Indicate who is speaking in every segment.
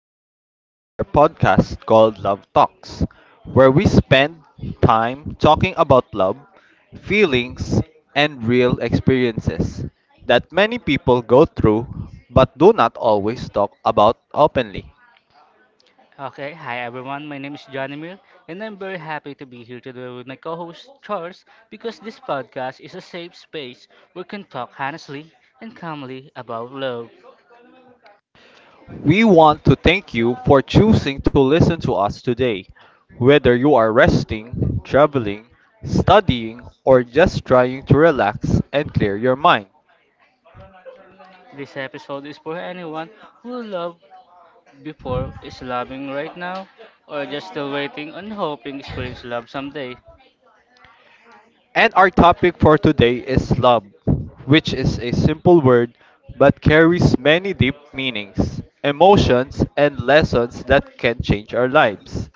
Speaker 1: and welcome to our podcast called Love Talks, where we spend time talking about love, feelings, and real experiences that many people go through but do not always talk about openly.
Speaker 2: Okay, hi everyone. My name is Jonimir, and I'm very happy to be here today with my co-host Charles because this podcast is a safe space where we can talk honestly and calmly about love.
Speaker 1: We want to thank you for choosing to listen to us today. Whether you are resting, traveling, studying, or just trying to relax and clear your mind,
Speaker 2: This episode is for anyone who loved before is loving right now or just still waiting and hoping experience love someday.
Speaker 1: and our topic for today is love, which is a simple word but carries many deep meanings, emotions, and lessons that can change our lives.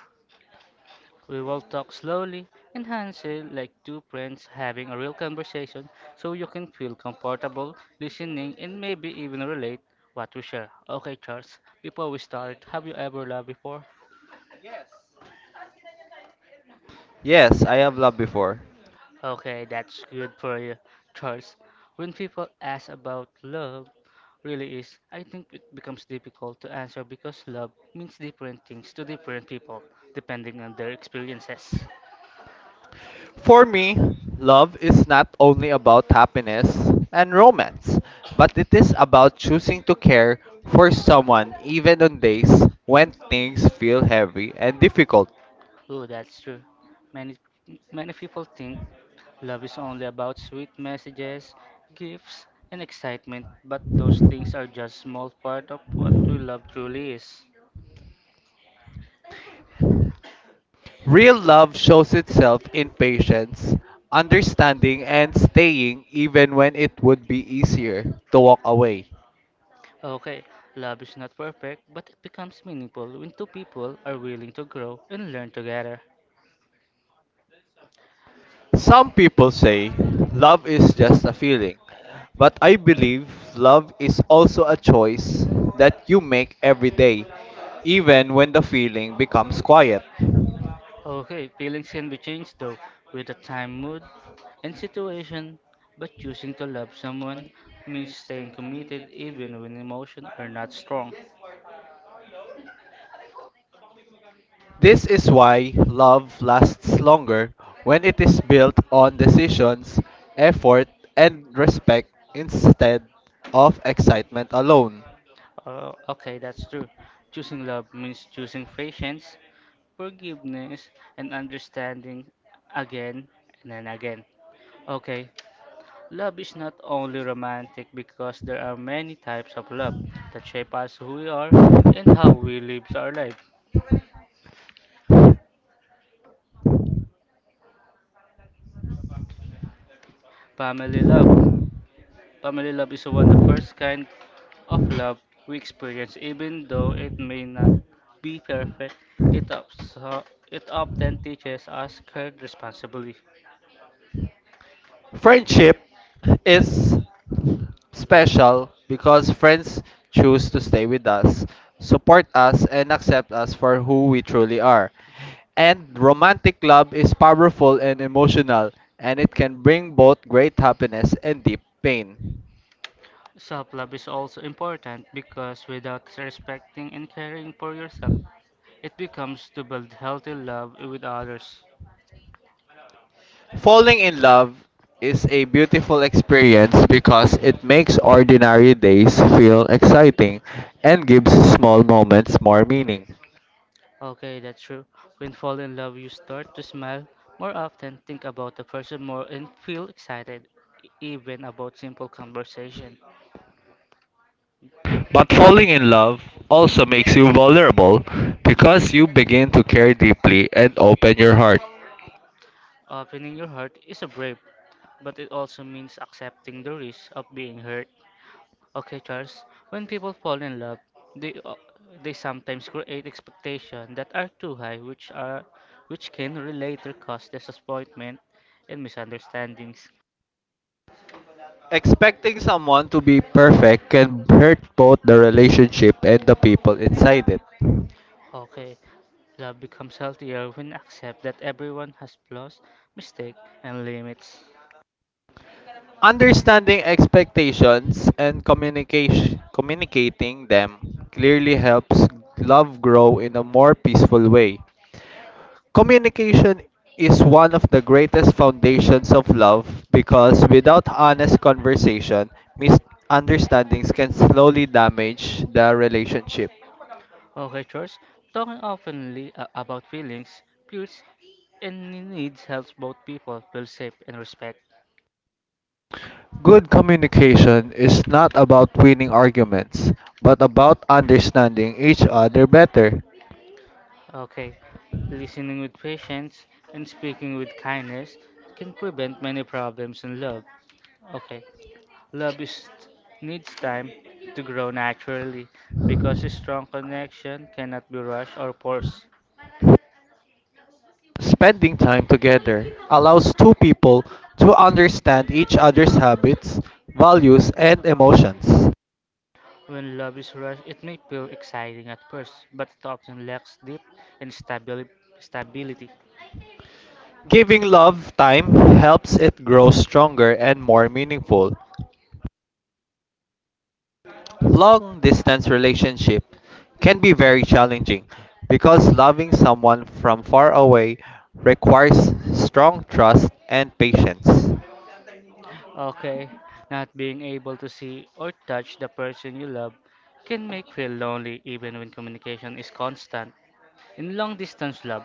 Speaker 2: We will talk slowly and Hansel like two friends having a real conversation so you can feel comfortable listening and maybe even relate what we share. Okay, Charles, before we start, have you ever loved before?
Speaker 1: Yes, I have loved before.
Speaker 2: Okay, that's good for you, Charles. When people ask about love, really is, I think it becomes difficult to answer because love means different things to different people depending on their experiences.
Speaker 1: For me, love is not only about happiness and romance, but it is about choosing to care for someone even on days when things feel heavy and difficult.
Speaker 2: Oh, that's true. Many many people think love is only about sweet messages, gifts, and excitement, but those things are just small part of what we love truly is.
Speaker 1: Real love shows itself in patience, understanding, and staying even when it would be easier to walk away.
Speaker 2: Okay, love is not perfect, but it becomes meaningful when two people are willing to grow and learn together.
Speaker 1: Some people say love is just a feeling, but I believe love is also a choice that you make every day, even when the feeling becomes quiet.
Speaker 2: Okay, feelings can be changed though, with the time, mood, and situation, but choosing to love someone means staying committed even when emotions are not strong.
Speaker 1: This is why love lasts longer when it is built on decisions, effort, and respect instead of excitement alone.
Speaker 2: Oh, okay, that's true. Choosing love means choosing patience, forgiveness, and understanding again and then again. Okay, love is not only romantic because there are many types of love that shape us who we are and how we live our life. Family love. Family love is one of the first kind of love we experience, even though it may not be perfect. It, also, it often teaches us care, responsibility.
Speaker 1: Friendship is
Speaker 2: Love.
Speaker 1: special because friends choose to stay with us, support us, and accept us for who we truly
Speaker 2: Really,
Speaker 1: are. And romantic love is powerful and emotional, and it can bring both great happiness and deep pain.
Speaker 2: self love is also important because without respecting and caring for yourself, it becomes to build healthy love with others.
Speaker 1: Falling in love is a beautiful experience because it makes ordinary days feel exciting and gives small moments more meaning.
Speaker 2: Okay, that's true. When fall in love, you start to smile more often, think about the person more, and feel excited, even about simple conversation.
Speaker 1: But falling in love also makes you vulnerable because you begin to care deeply and open your heart.
Speaker 2: Opening your heart is a brave, but it also means accepting the risk of being hurt. Okay, Charles. When people fall in love, they uh, they sometimes create expectations that are too high, which can later cause disappointment and misunderstandings.
Speaker 1: Expecting someone to be perfect can hurt both the relationship and the people inside it.
Speaker 2: Okay, love becomes healthier when accept that everyone has flaws, mistakes, and limits.
Speaker 1: Understanding expectations and communicating them clearly helps love grow in a more peaceful way. Communication is one of the greatest foundations of love because without honest conversation, misunderstandings can slowly damage the relationship.
Speaker 2: Okay, Charles. Talking openly about feelings, fears, and needs helps both people feel safe and respect.
Speaker 1: Good communication is not about winning arguments, but about understanding each other better.
Speaker 2: Okay, listening with patience and speaking with kindness can prevent many problems in love. Okay, love is, needs time to grow naturally because a strong connection cannot be rushed or forced.
Speaker 1: Spending time together allows two people to understand each other's habits, values, and emotions.
Speaker 2: When love is rushed, it may feel exciting at first, but it often lacks depth and stability.
Speaker 1: Giving love time helps it grow stronger and more meaningful. Long distance relationship can be very challenging because loving someone from far away requires strong trust and patience.
Speaker 2: Okay, not being able to see or touch the person you love can make feel lonely even when communication is constant. In long distance love,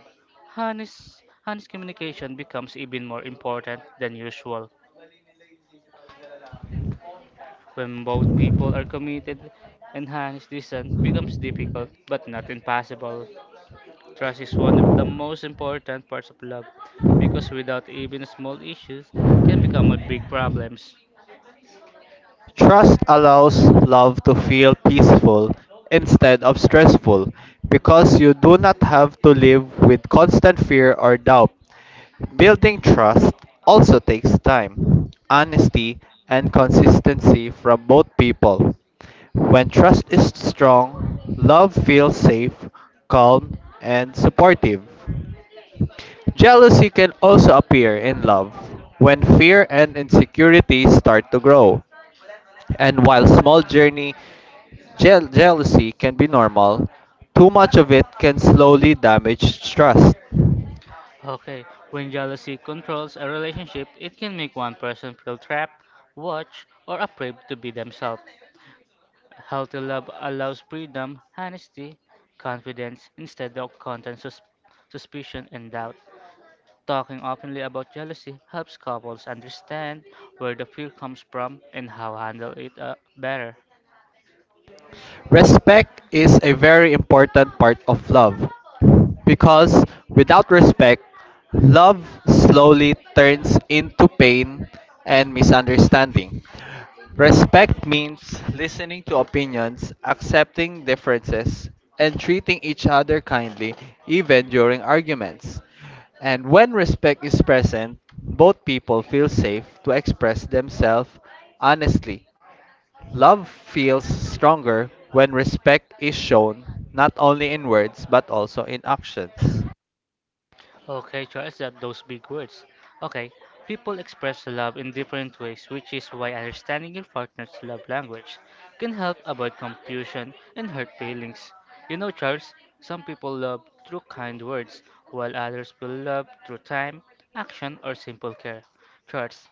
Speaker 2: honest communication becomes even more important than usual. When both people are committed, enhanced distance becomes difficult but not impossible. Trust is one of the most important parts of love because without even small issues can become a big problems.
Speaker 1: Trust allows love to feel peaceful instead of stressful because you do not have to live with constant fear or doubt. Building trust also takes time, honesty, and consistency from both people. When trust is strong, love feels safe, calm, and supportive. Jealousy can also appear in love when fear and insecurity start to grow. And while small jealousy can be normal, too much of it can slowly damage trust.
Speaker 2: Okay, when jealousy controls a relationship, it can make one person feel trapped, watched, or afraid to be themselves. Healthy love allows freedom, honesty, confidence instead of constant suspicion and doubt. Talking openly about jealousy helps couples understand where the fear comes from and how handle it better.
Speaker 1: Respect is a very important part of love because without respect, love slowly turns into pain and misunderstanding. Respect means listening to opinions, accepting differences, and treating each other kindly even during arguments. And when respect is present, both people feel safe to express themselves honestly. Love feels stronger when respect is shown not only in words but also in actions.
Speaker 2: Okay, trust that those big words. Okay, people express love in different ways, which is why understanding your partner's love language can help avoid confusion and hurt feelings. You know, Charles, some people love through kind words, while others will love through time, action, or simple care. Charles,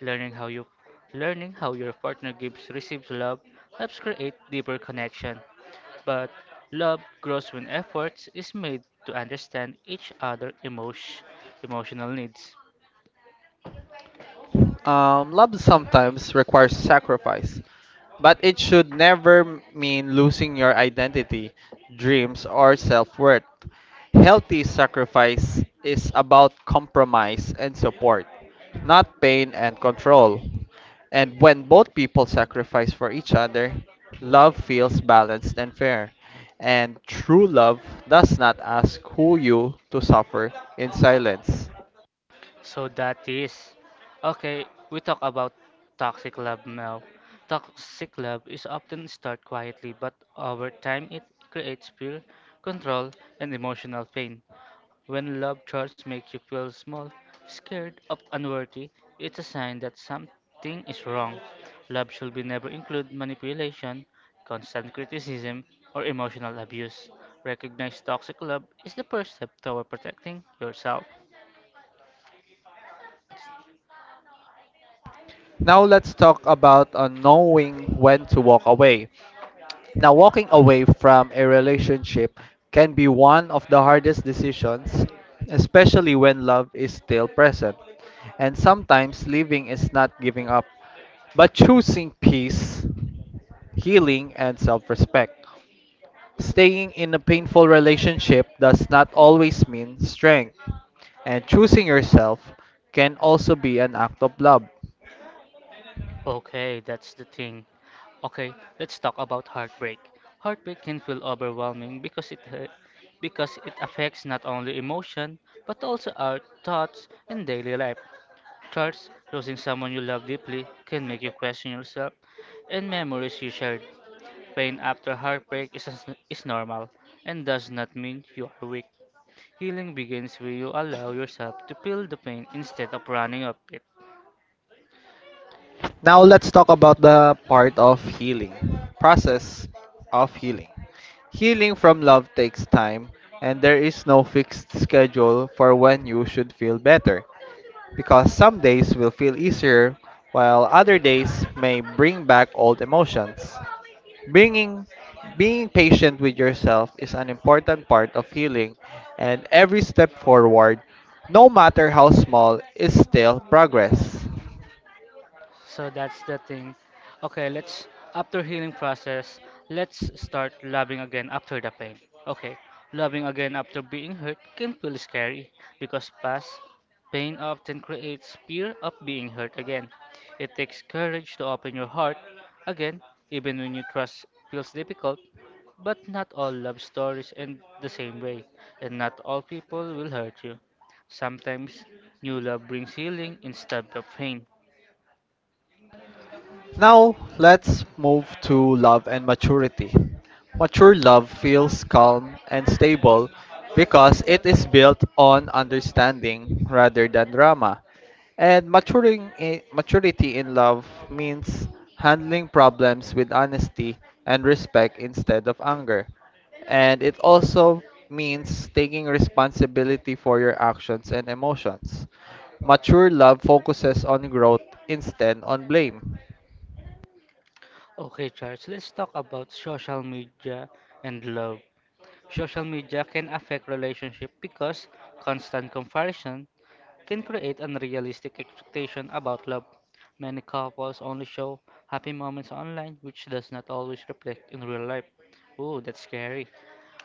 Speaker 2: learning how you learning how your partner gives receives love helps create deeper connection but love grows when efforts is made to understand each emotional needs.
Speaker 1: Love sometimes requires sacrifice, but it should never mean losing your identity, dreams, or self worth. Healthy sacrifice is about compromise and support, not pain and control. And when both people sacrifice for each other, love feels balanced and fair. And true love does not ask who you to suffer in silence.
Speaker 2: So that is okay. We talk about toxic love now. Toxic love is often start quietly, but over time it creates fear, control, and emotional pain. When love charts make you feel small, scared, or unworthy, it's a sign that something is wrong. Love should be never include manipulation, constant criticism, or emotional abuse. Recognize toxic love is the first step toward protecting yourself.
Speaker 1: Now let's talk about knowing when to walk away. Now, walking away from a relationship can be one of the hardest decisions, especially when love is still present. And sometimes leaving is not giving up, but choosing peace, healing, and self respect. Staying in a painful relationship does not always mean strength, and choosing yourself can also be an act of love.
Speaker 2: Okay, that's the thing. Okay, let's talk about heartbreak. Heartbreak can feel overwhelming because it affects not only emotion but also our thoughts and daily life. Thoughts, losing someone you love deeply can make you question yourself and memories you shared. Pain after heartbreak is normal and does not mean you are weak. Healing begins when you allow yourself to feel the pain instead of running up it.
Speaker 1: Now let's talk about the part of healing. Process of healing. Healing from love takes time and there is no fixed schedule for when you should feel better because some days will feel easier while other days may bring back old emotions. Bringing Being patient with yourself is an important part of healing and every step forward, no matter how small, is still progress.
Speaker 2: So that's the thing. Okay, let's after healing process, let's start loving again after the pain. Okay, loving again after being hurt can feel scary because past pain often creates fear of being hurt again. It takes courage to open your heart again, even when you trust feels difficult. But not all love stories end the same way, and not all people will hurt you. Sometimes new love brings healing instead of pain.
Speaker 1: Now, let's move to love and maturity. Mature love feels calm and stable because it is built on understanding rather than drama. And maturity in love means handling problems with honesty and respect instead of anger. And it also means taking responsibility for your actions and emotions. Mature love focuses on growth instead on blame.
Speaker 2: Okay, Charles, let's talk about social media and love. Social media can affect relationship because constant comparison can create unrealistic expectation about love. Many couples only show happy moments online, which does not always reflect in real life. Ooh, that's scary.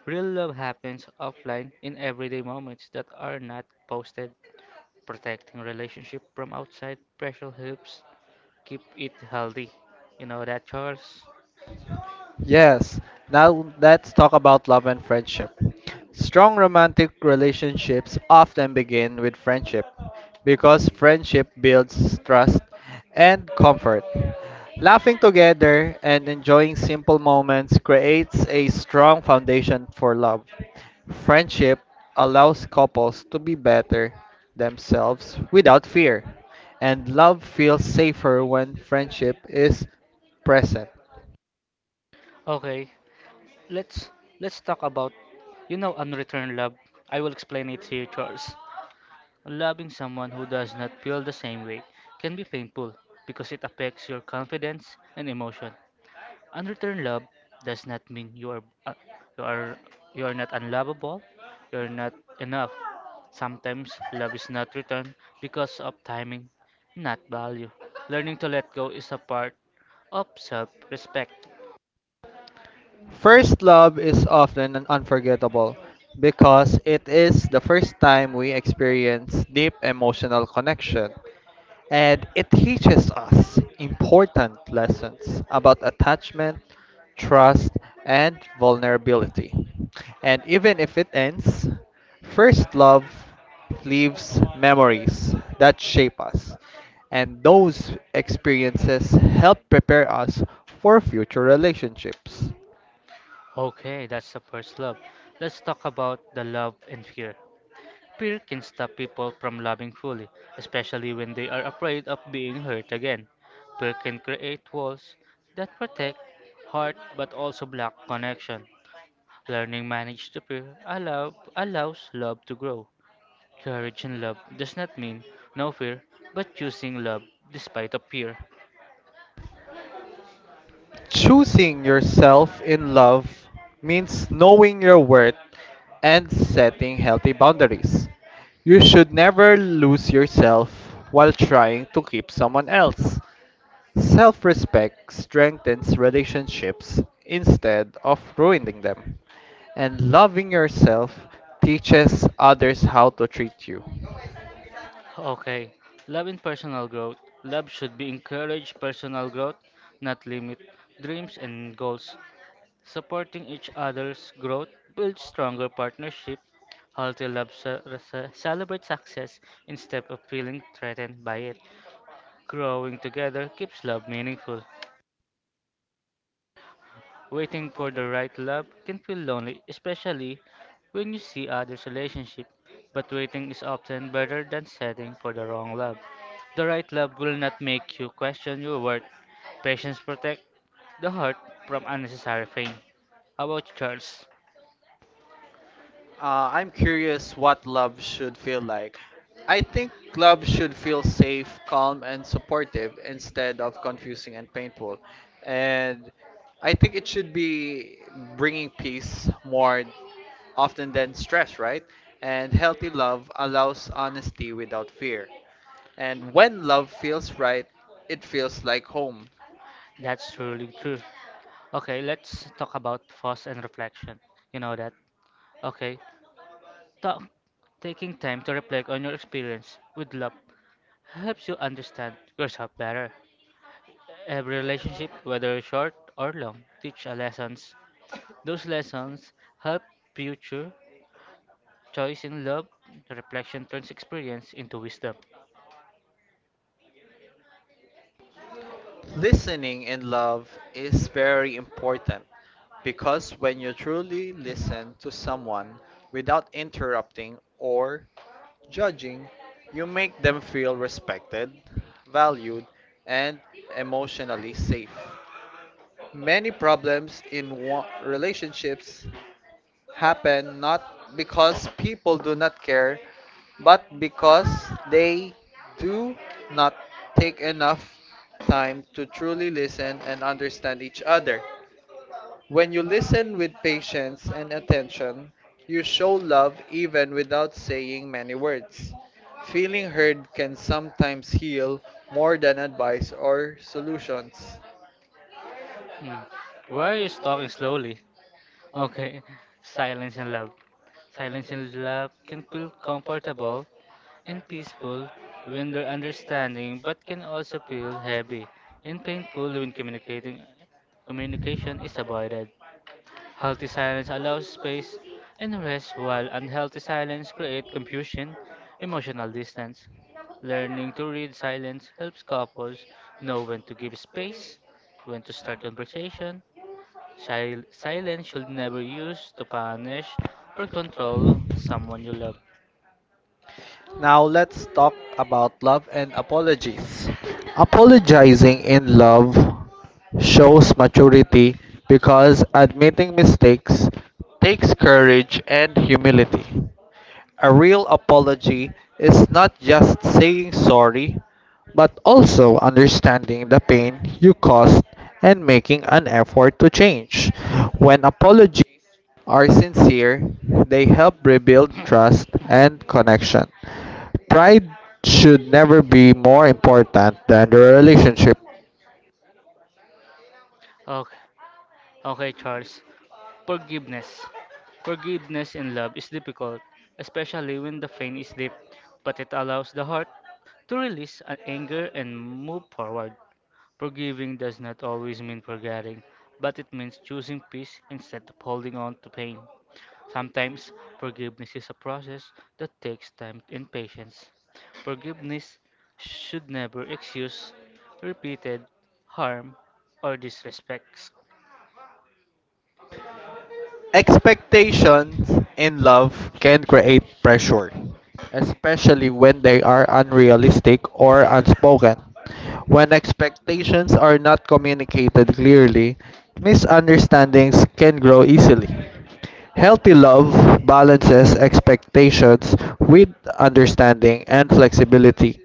Speaker 2: Real love happens offline in everyday moments that are not posted. Protecting relationship from outside pressure helps keep it healthy. You know that, Charles?
Speaker 1: Yes, now let's talk about love and friendship. Strong romantic relationships often begin with friendship because friendship builds trust and comfort. Laughing together and enjoying simple moments creates a strong foundation for love. Friendship allows couples to be better themselves without fear, and love feels safer when friendship is present.
Speaker 2: Okay, let's let's talk about you know unreturned love. I will explain it to you, Charles. Loving someone who does not feel the same way can be painful because it affects your confidence and emotion. Unreturned love does not mean you are you are not unlovable, you are not enough. Sometimes love is not returned because of timing, not value. Learning to let go is a part of self-respect.
Speaker 1: First love is often unforgettable because it is the first time we experience deep emotional connection and it teaches us important lessons about attachment, trust, and vulnerability. And even if it ends, first love leaves memories that shape us, and those experiences help prepare us for future relationships.
Speaker 2: Okay, that's the first love. Let's talk about the love and fear. Fear can stop people from loving fully, especially when they are afraid of being hurt again. Fear can create walls that protect heart but also block connection. Learning manage the fear allows love to grow. Courage in love does not mean no fear, but choosing love despite of fear.
Speaker 1: Choosing yourself in love means knowing your worth and setting healthy boundaries. You should never lose yourself while trying to keep someone else. Self respect strengthens relationships instead of ruining them. And loving yourself teaches others how to treat you.
Speaker 2: Okay, love and personal growth. Love should be encourage personal growth, not limit dreams and goals. Supporting each other's growth builds stronger partnership. Healthy love celebrates success instead of feeling threatened by it. Growing together keeps love meaningful. Waiting for the right love can feel lonely, especially when you see others' relationship, but waiting is often better than setting for the wrong love. The right love will not make you question your worth. Patience protect the heart from unnecessary pain. How about you, Charles?
Speaker 1: I'm curious what love should feel like. I think love should feel safe, calm, and supportive instead of confusing and painful. And I think it should be bringing peace more often than stress, right? And healthy love allows honesty without fear. And when love feels right, it feels like home.
Speaker 2: That's truly true. Okay, let's talk about pause and reflection. You know that. Okay, talk. Taking time to reflect on your experience with love helps you understand yourself better. Every relationship, whether short or long, teach a lessons. Those lessons help future choice in love. Reflection turns experience into wisdom.
Speaker 1: Listening in love is very important because when you truly
Speaker 2: Mhm.
Speaker 1: listen to someone without interrupting or judging, you make them feel respected, valued, and emotionally safe. Many problems in relationships happen not because people do not care, but because they do not take enough time to truly listen and understand each other. When you listen with patience and attention, you show love even without saying many words. Feeling heard can sometimes heal more than advice or solutions.
Speaker 2: Mm. Why are you talking slowly? Okay, silence and love. Silence and love can feel comfortable and peaceful when they're understanding, but can also feel heavy and painful when communicating communication is avoided. Healthy silence allows space and rest, while unhealthy silence creates confusion, emotional distance. Learning to read silence helps couples know when to give space, when to start conversation, silence should never use to punish or control someone you love.
Speaker 1: Now let's talk about love and apologies. Apologizing in love shows maturity because admitting mistakes takes courage and humility. A real apology is not just saying sorry, but also understanding the pain you caused and making an effort to change. When apologies are sincere, they help rebuild trust and connection. Pride should never be more important than the relationship.
Speaker 2: Okay, okay, Charles. Forgiveness. Forgiveness in love is difficult, especially when the pain is deep, but it allows the heart to release an anger and move forward. Forgiving does not always mean forgetting, but it means choosing peace instead of holding on to pain. Sometimes forgiveness is a process that takes time and patience. Forgiveness should never excuse repeated harm or disrespects.
Speaker 1: Expectations in love can create pressure, especially when they are unrealistic or unspoken. When expectations are not communicated clearly, misunderstandings can grow easily. Healthy love balances expectations with understanding and flexibility.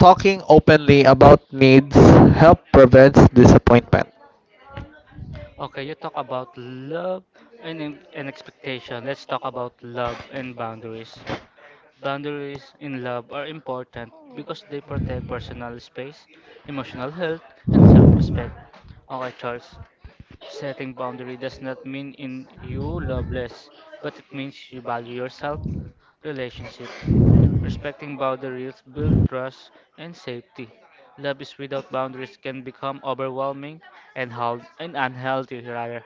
Speaker 1: Talking openly about needs help prevents disappointment.
Speaker 2: Okay, you talk about love and expectation. Let's talk about love and boundaries. Boundaries in love are important because they protect personal space, emotional health, and self respect. Okay, Charles. Setting boundary does not mean in you loveless, but it means you value yourself, relationship. Respecting boundaries build trust and safety. Love is without boundaries can become overwhelming and unhealthy rather.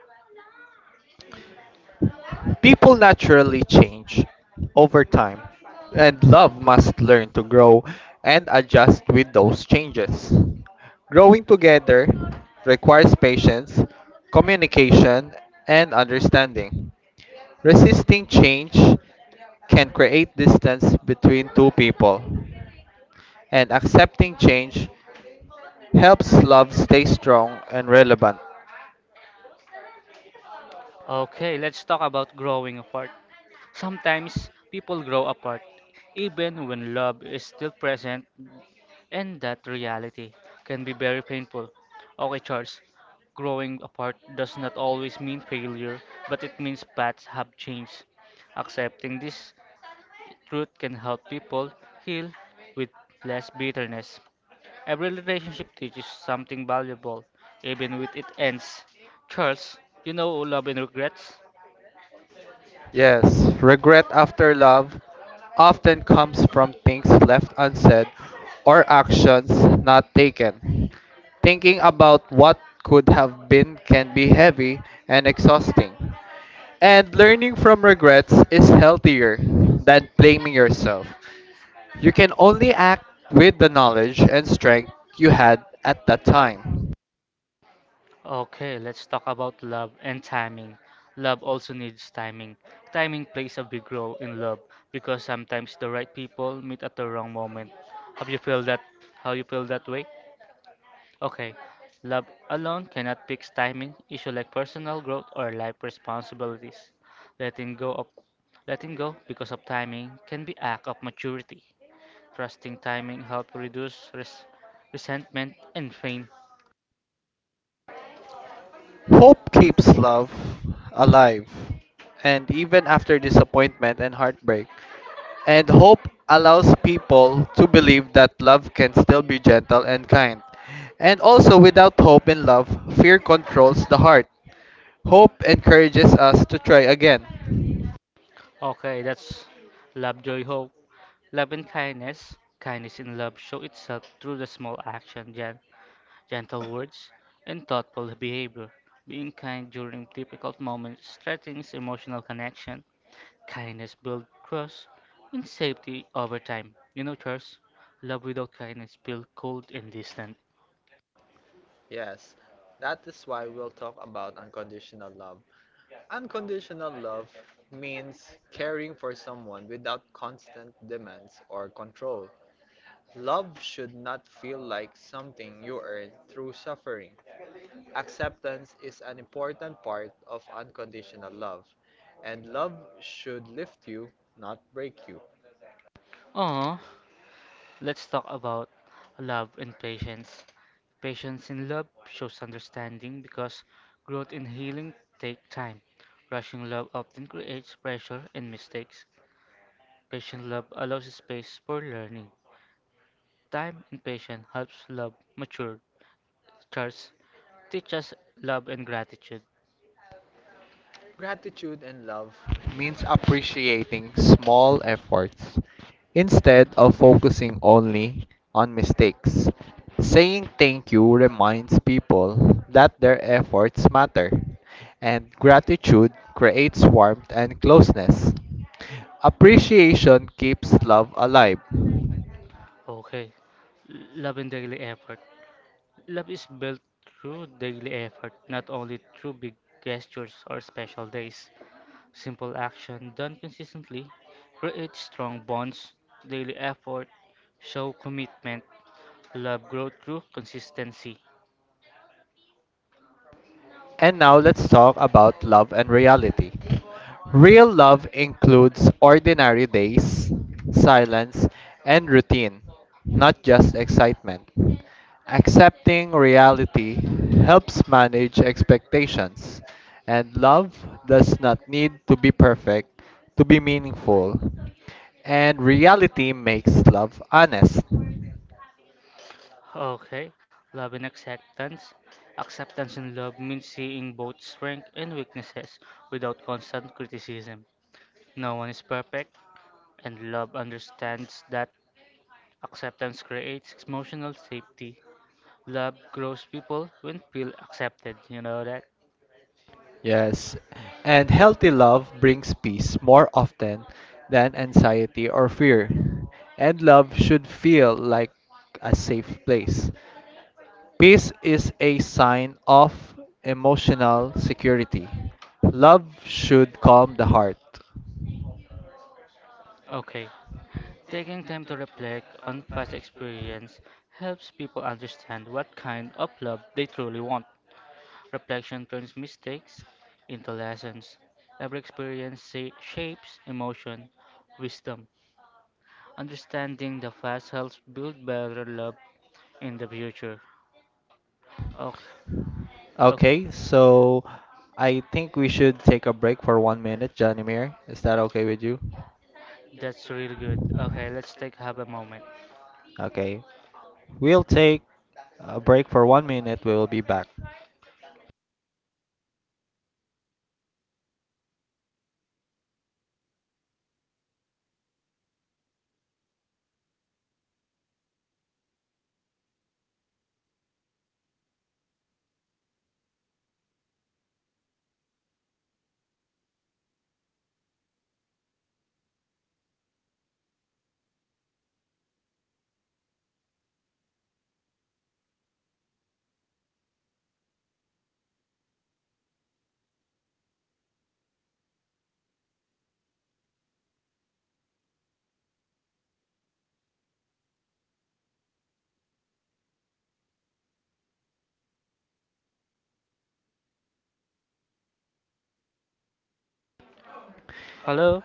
Speaker 1: People naturally change over time, and love must learn to grow and adjust with those changes. Growing together requires patience, communication, and understanding. Resisting change can create distance between two people, and accepting change helps love stay strong and relevant.
Speaker 2: Okay, let's talk about growing apart. Sometimes people grow apart. Even when love is still present, and that reality can be very painful. Okay, Charles, growing apart does not always mean failure, but it means paths have changed. Accepting this truth can help people heal with less bitterness. Every relationship teaches something valuable, even when it ends. Charles, you know love and regrets?
Speaker 1: Yes, regret after love often comes from things left unsaid or actions not taken. Thinking about what could have been can be heavy and exhausting. And learning from regrets is healthier than blaming yourself. You can only act with the knowledge and strength you had at that time.
Speaker 2: Okay, let's talk about love and timing. Love also needs timing. Timing plays a big role in love because sometimes the right people meet at the wrong moment. Have you feel that how you feel that way? Okay. Love alone cannot fix timing issue like personal growth or life responsibilities. Letting go of letting go because of timing can be act of maturity. Trusting timing help reduce resentment and pain.
Speaker 1: Hope keeps love alive. And even after disappointment and heartbreak, And hope allows people to believe that love can still be gentle and kind. And also, without hope and love, fear controls the heart. Hope encourages us to try again.
Speaker 2: Okay, that's Love Joy Ho. Love and kindness, kindness in love, show itself through the small action, gentle words, and thoughtful behavior. Being kind during difficult moments strengthens emotional connection. Kindness builds trust and safety over time. You know, Charles, love without kindness feels cold and distant.
Speaker 1: Yes, that is why we'll talk about unconditional love. Unconditional love means caring for someone without constant demands or control. Love should not feel like something you earn through suffering. Acceptance is an important part of unconditional love, and love should lift you, not break you.
Speaker 2: Aww, let's talk about love and patience. Patience in love shows understanding because growth and healing take time. Rushing love often creates pressure and mistakes. Patient love allows space for learning. Time and patience helps love mature. Charles, teach us love and gratitude.
Speaker 1: Gratitude and love means appreciating small efforts instead of focusing only on mistakes. Saying thank you reminds people that their efforts matter, and gratitude creates warmth and closeness. Appreciation keeps love alive.
Speaker 2: Okay, love and daily effort. Love is built through daily effort, not only through big gestures or special days. Simple action done consistently creates strong bonds. Daily effort show commitment. Love growth through consistency.
Speaker 1: And now let's talk about love and reality. Real love includes ordinary days, silence, and routine, not just excitement. Accepting reality helps manage expectations, and love does not need to be perfect to be meaningful. And reality makes love honest.
Speaker 2: Okay, love and acceptance. Acceptance in love means seeing both strengths and weaknesses without constant criticism. No one is perfect, and love understands that acceptance creates emotional safety. Love grows people when feel accepted. You know that?
Speaker 1: Yes, and healthy love brings peace more often than anxiety or fear. And love should feel like a safe place. Peace is a sign of emotional security. Love should calm the heart.
Speaker 2: Okay. Taking time to reflect on past experience helps people understand what kind of love they truly want. Reflection turns mistakes into lessons. Every experience shapes emotion, wisdom. Understanding the past helps build better love in the future. Okay, okay,
Speaker 1: Okay, so I think we should take a break for 1 minute, Janimir. Is that okay with you?
Speaker 2: that's really good. Okay, let's take have a moment.
Speaker 1: Okay, we'll take a break for 1 minute. We will be back.
Speaker 2: Hello,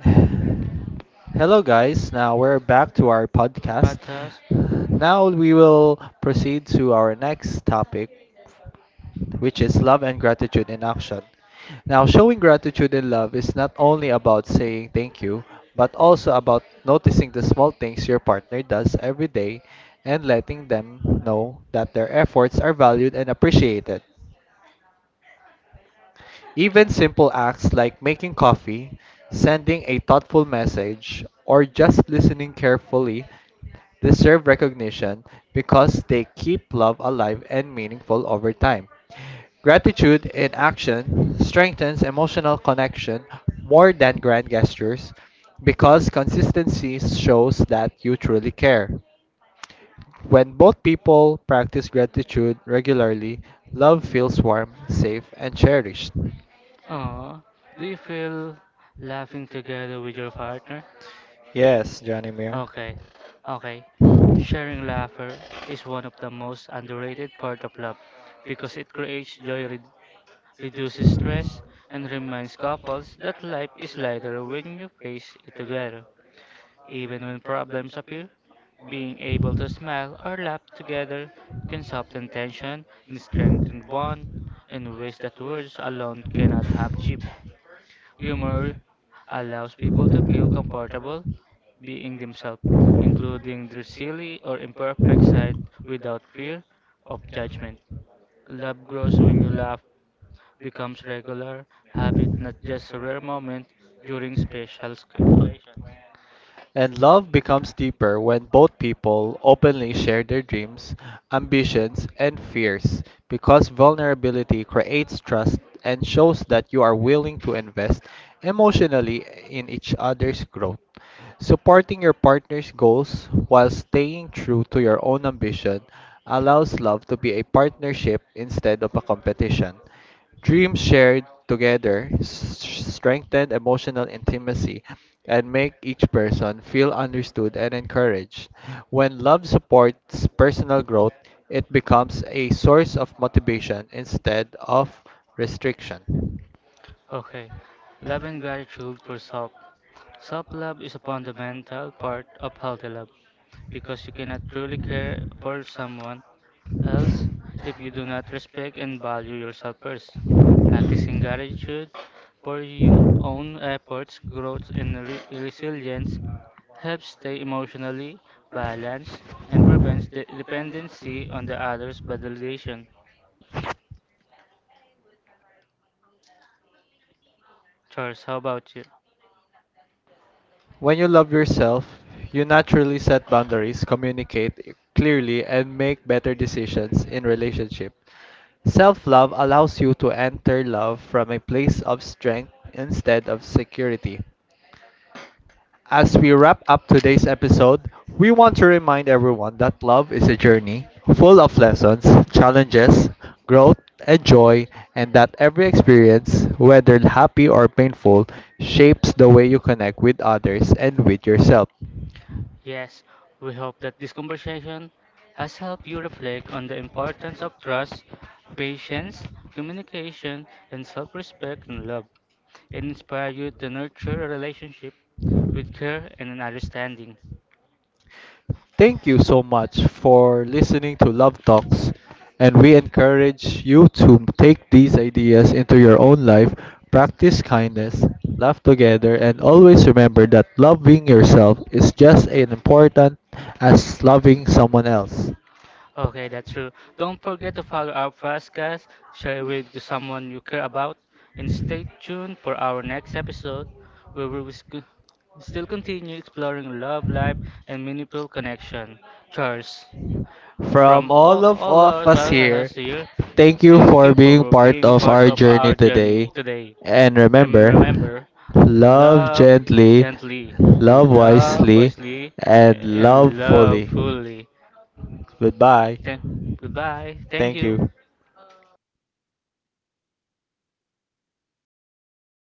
Speaker 1: Hello, guys. Now we're back to our podcast.
Speaker 2: podcast.
Speaker 1: Now we will proceed to our next topic, which is love and gratitude in action. Now, showing gratitude and love is not only about saying thank you, but also about noticing the small things your partner does every day and letting them know that their efforts are valued and appreciated. Even simple acts like making coffee, sending a thoughtful message, or just listening carefully deserve recognition because they keep love alive and meaningful over time. Gratitude in action strengthens emotional connection more than grand gestures because consistency shows that you truly care. When both people practice gratitude regularly, love feels warm, safe, and cherished.
Speaker 2: Aww, do you feel laughing together with your partner?
Speaker 1: Yes, Johnny Muir.
Speaker 2: Okay, okay. Sharing laughter is one of the most underrated part of love because it creates joy, reduces stress, and reminds couples that life is lighter when you face it together. Even when problems appear, being able to smile or laugh together can soften tension and strengthen bond in ways that words alone cannot achieve. Humor allows people to feel comfortable being themselves, including their silly or imperfect side without fear of judgment. Love grows when you laugh, becomes regular habit, not just a rare moment during special
Speaker 1: And love becomes deeper when both people openly share their dreams, ambitions, and fears because vulnerability creates trust and shows that you are willing to invest emotionally in each other's growth. Supporting your partner's goals while staying true to your own ambition allows love to be a partnership instead of a competition. Dreams shared together strengthen emotional intimacy and make each person feel understood and encouraged. When love supports personal growth, it becomes a source of motivation instead of restriction.
Speaker 2: Okay. Love and gratitude for self. Self-love is a fundamental part of healthy love because you cannot truly care for someone else if you do not respect and value yourself first. Practicing gratitude for your own efforts, growth, and resilience helps stay emotionally balanced and prevents the dependency on the other's validation. Charles, how about you?
Speaker 1: When you love yourself, you naturally set boundaries, communicate clearly, and make better decisions in relationship. Self-love allows you to enter love from a place of strength instead of security. As we wrap up today's episode, we want to remind everyone that love is a journey full of lessons, challenges, growth, and joy, and that every experience, whether happy or painful, shapes the way you connect with others and with yourself.
Speaker 2: Yes, we hope that this conversation has helped you reflect on the importance of trust, patience, communication, and self respect and love. And inspire you to nurture a relationship with care and understanding.
Speaker 1: Thank you so much for listening to Love Talks, and we encourage you to take these ideas into your own life, practice kindness, laugh together, and always remember that loving yourself is just as important as loving someone else.
Speaker 2: Okay, that's true. Don't forget to follow our podcast, share it with someone you care about, and stay tuned for our next episode where still continue exploring love, life, and meaningful connection. Cheers.
Speaker 1: From
Speaker 2: From
Speaker 1: all of,
Speaker 2: all
Speaker 1: of
Speaker 2: our
Speaker 1: us here,
Speaker 2: podcasters here,
Speaker 1: thank you
Speaker 2: thank you
Speaker 1: for being
Speaker 2: for
Speaker 1: part
Speaker 2: being
Speaker 1: of
Speaker 2: part
Speaker 1: our
Speaker 2: of
Speaker 1: journey
Speaker 2: our
Speaker 1: today.
Speaker 2: journey today.
Speaker 1: And remember,
Speaker 2: Remember,
Speaker 1: love
Speaker 2: love
Speaker 1: gently,
Speaker 2: gently,
Speaker 1: love
Speaker 2: love
Speaker 1: wisely,
Speaker 2: wisely,
Speaker 1: and love
Speaker 2: and love
Speaker 1: fully.
Speaker 2: fully.
Speaker 1: Goodbye.
Speaker 2: Thank, goodbye. Thank
Speaker 1: Thank
Speaker 2: you.
Speaker 1: you.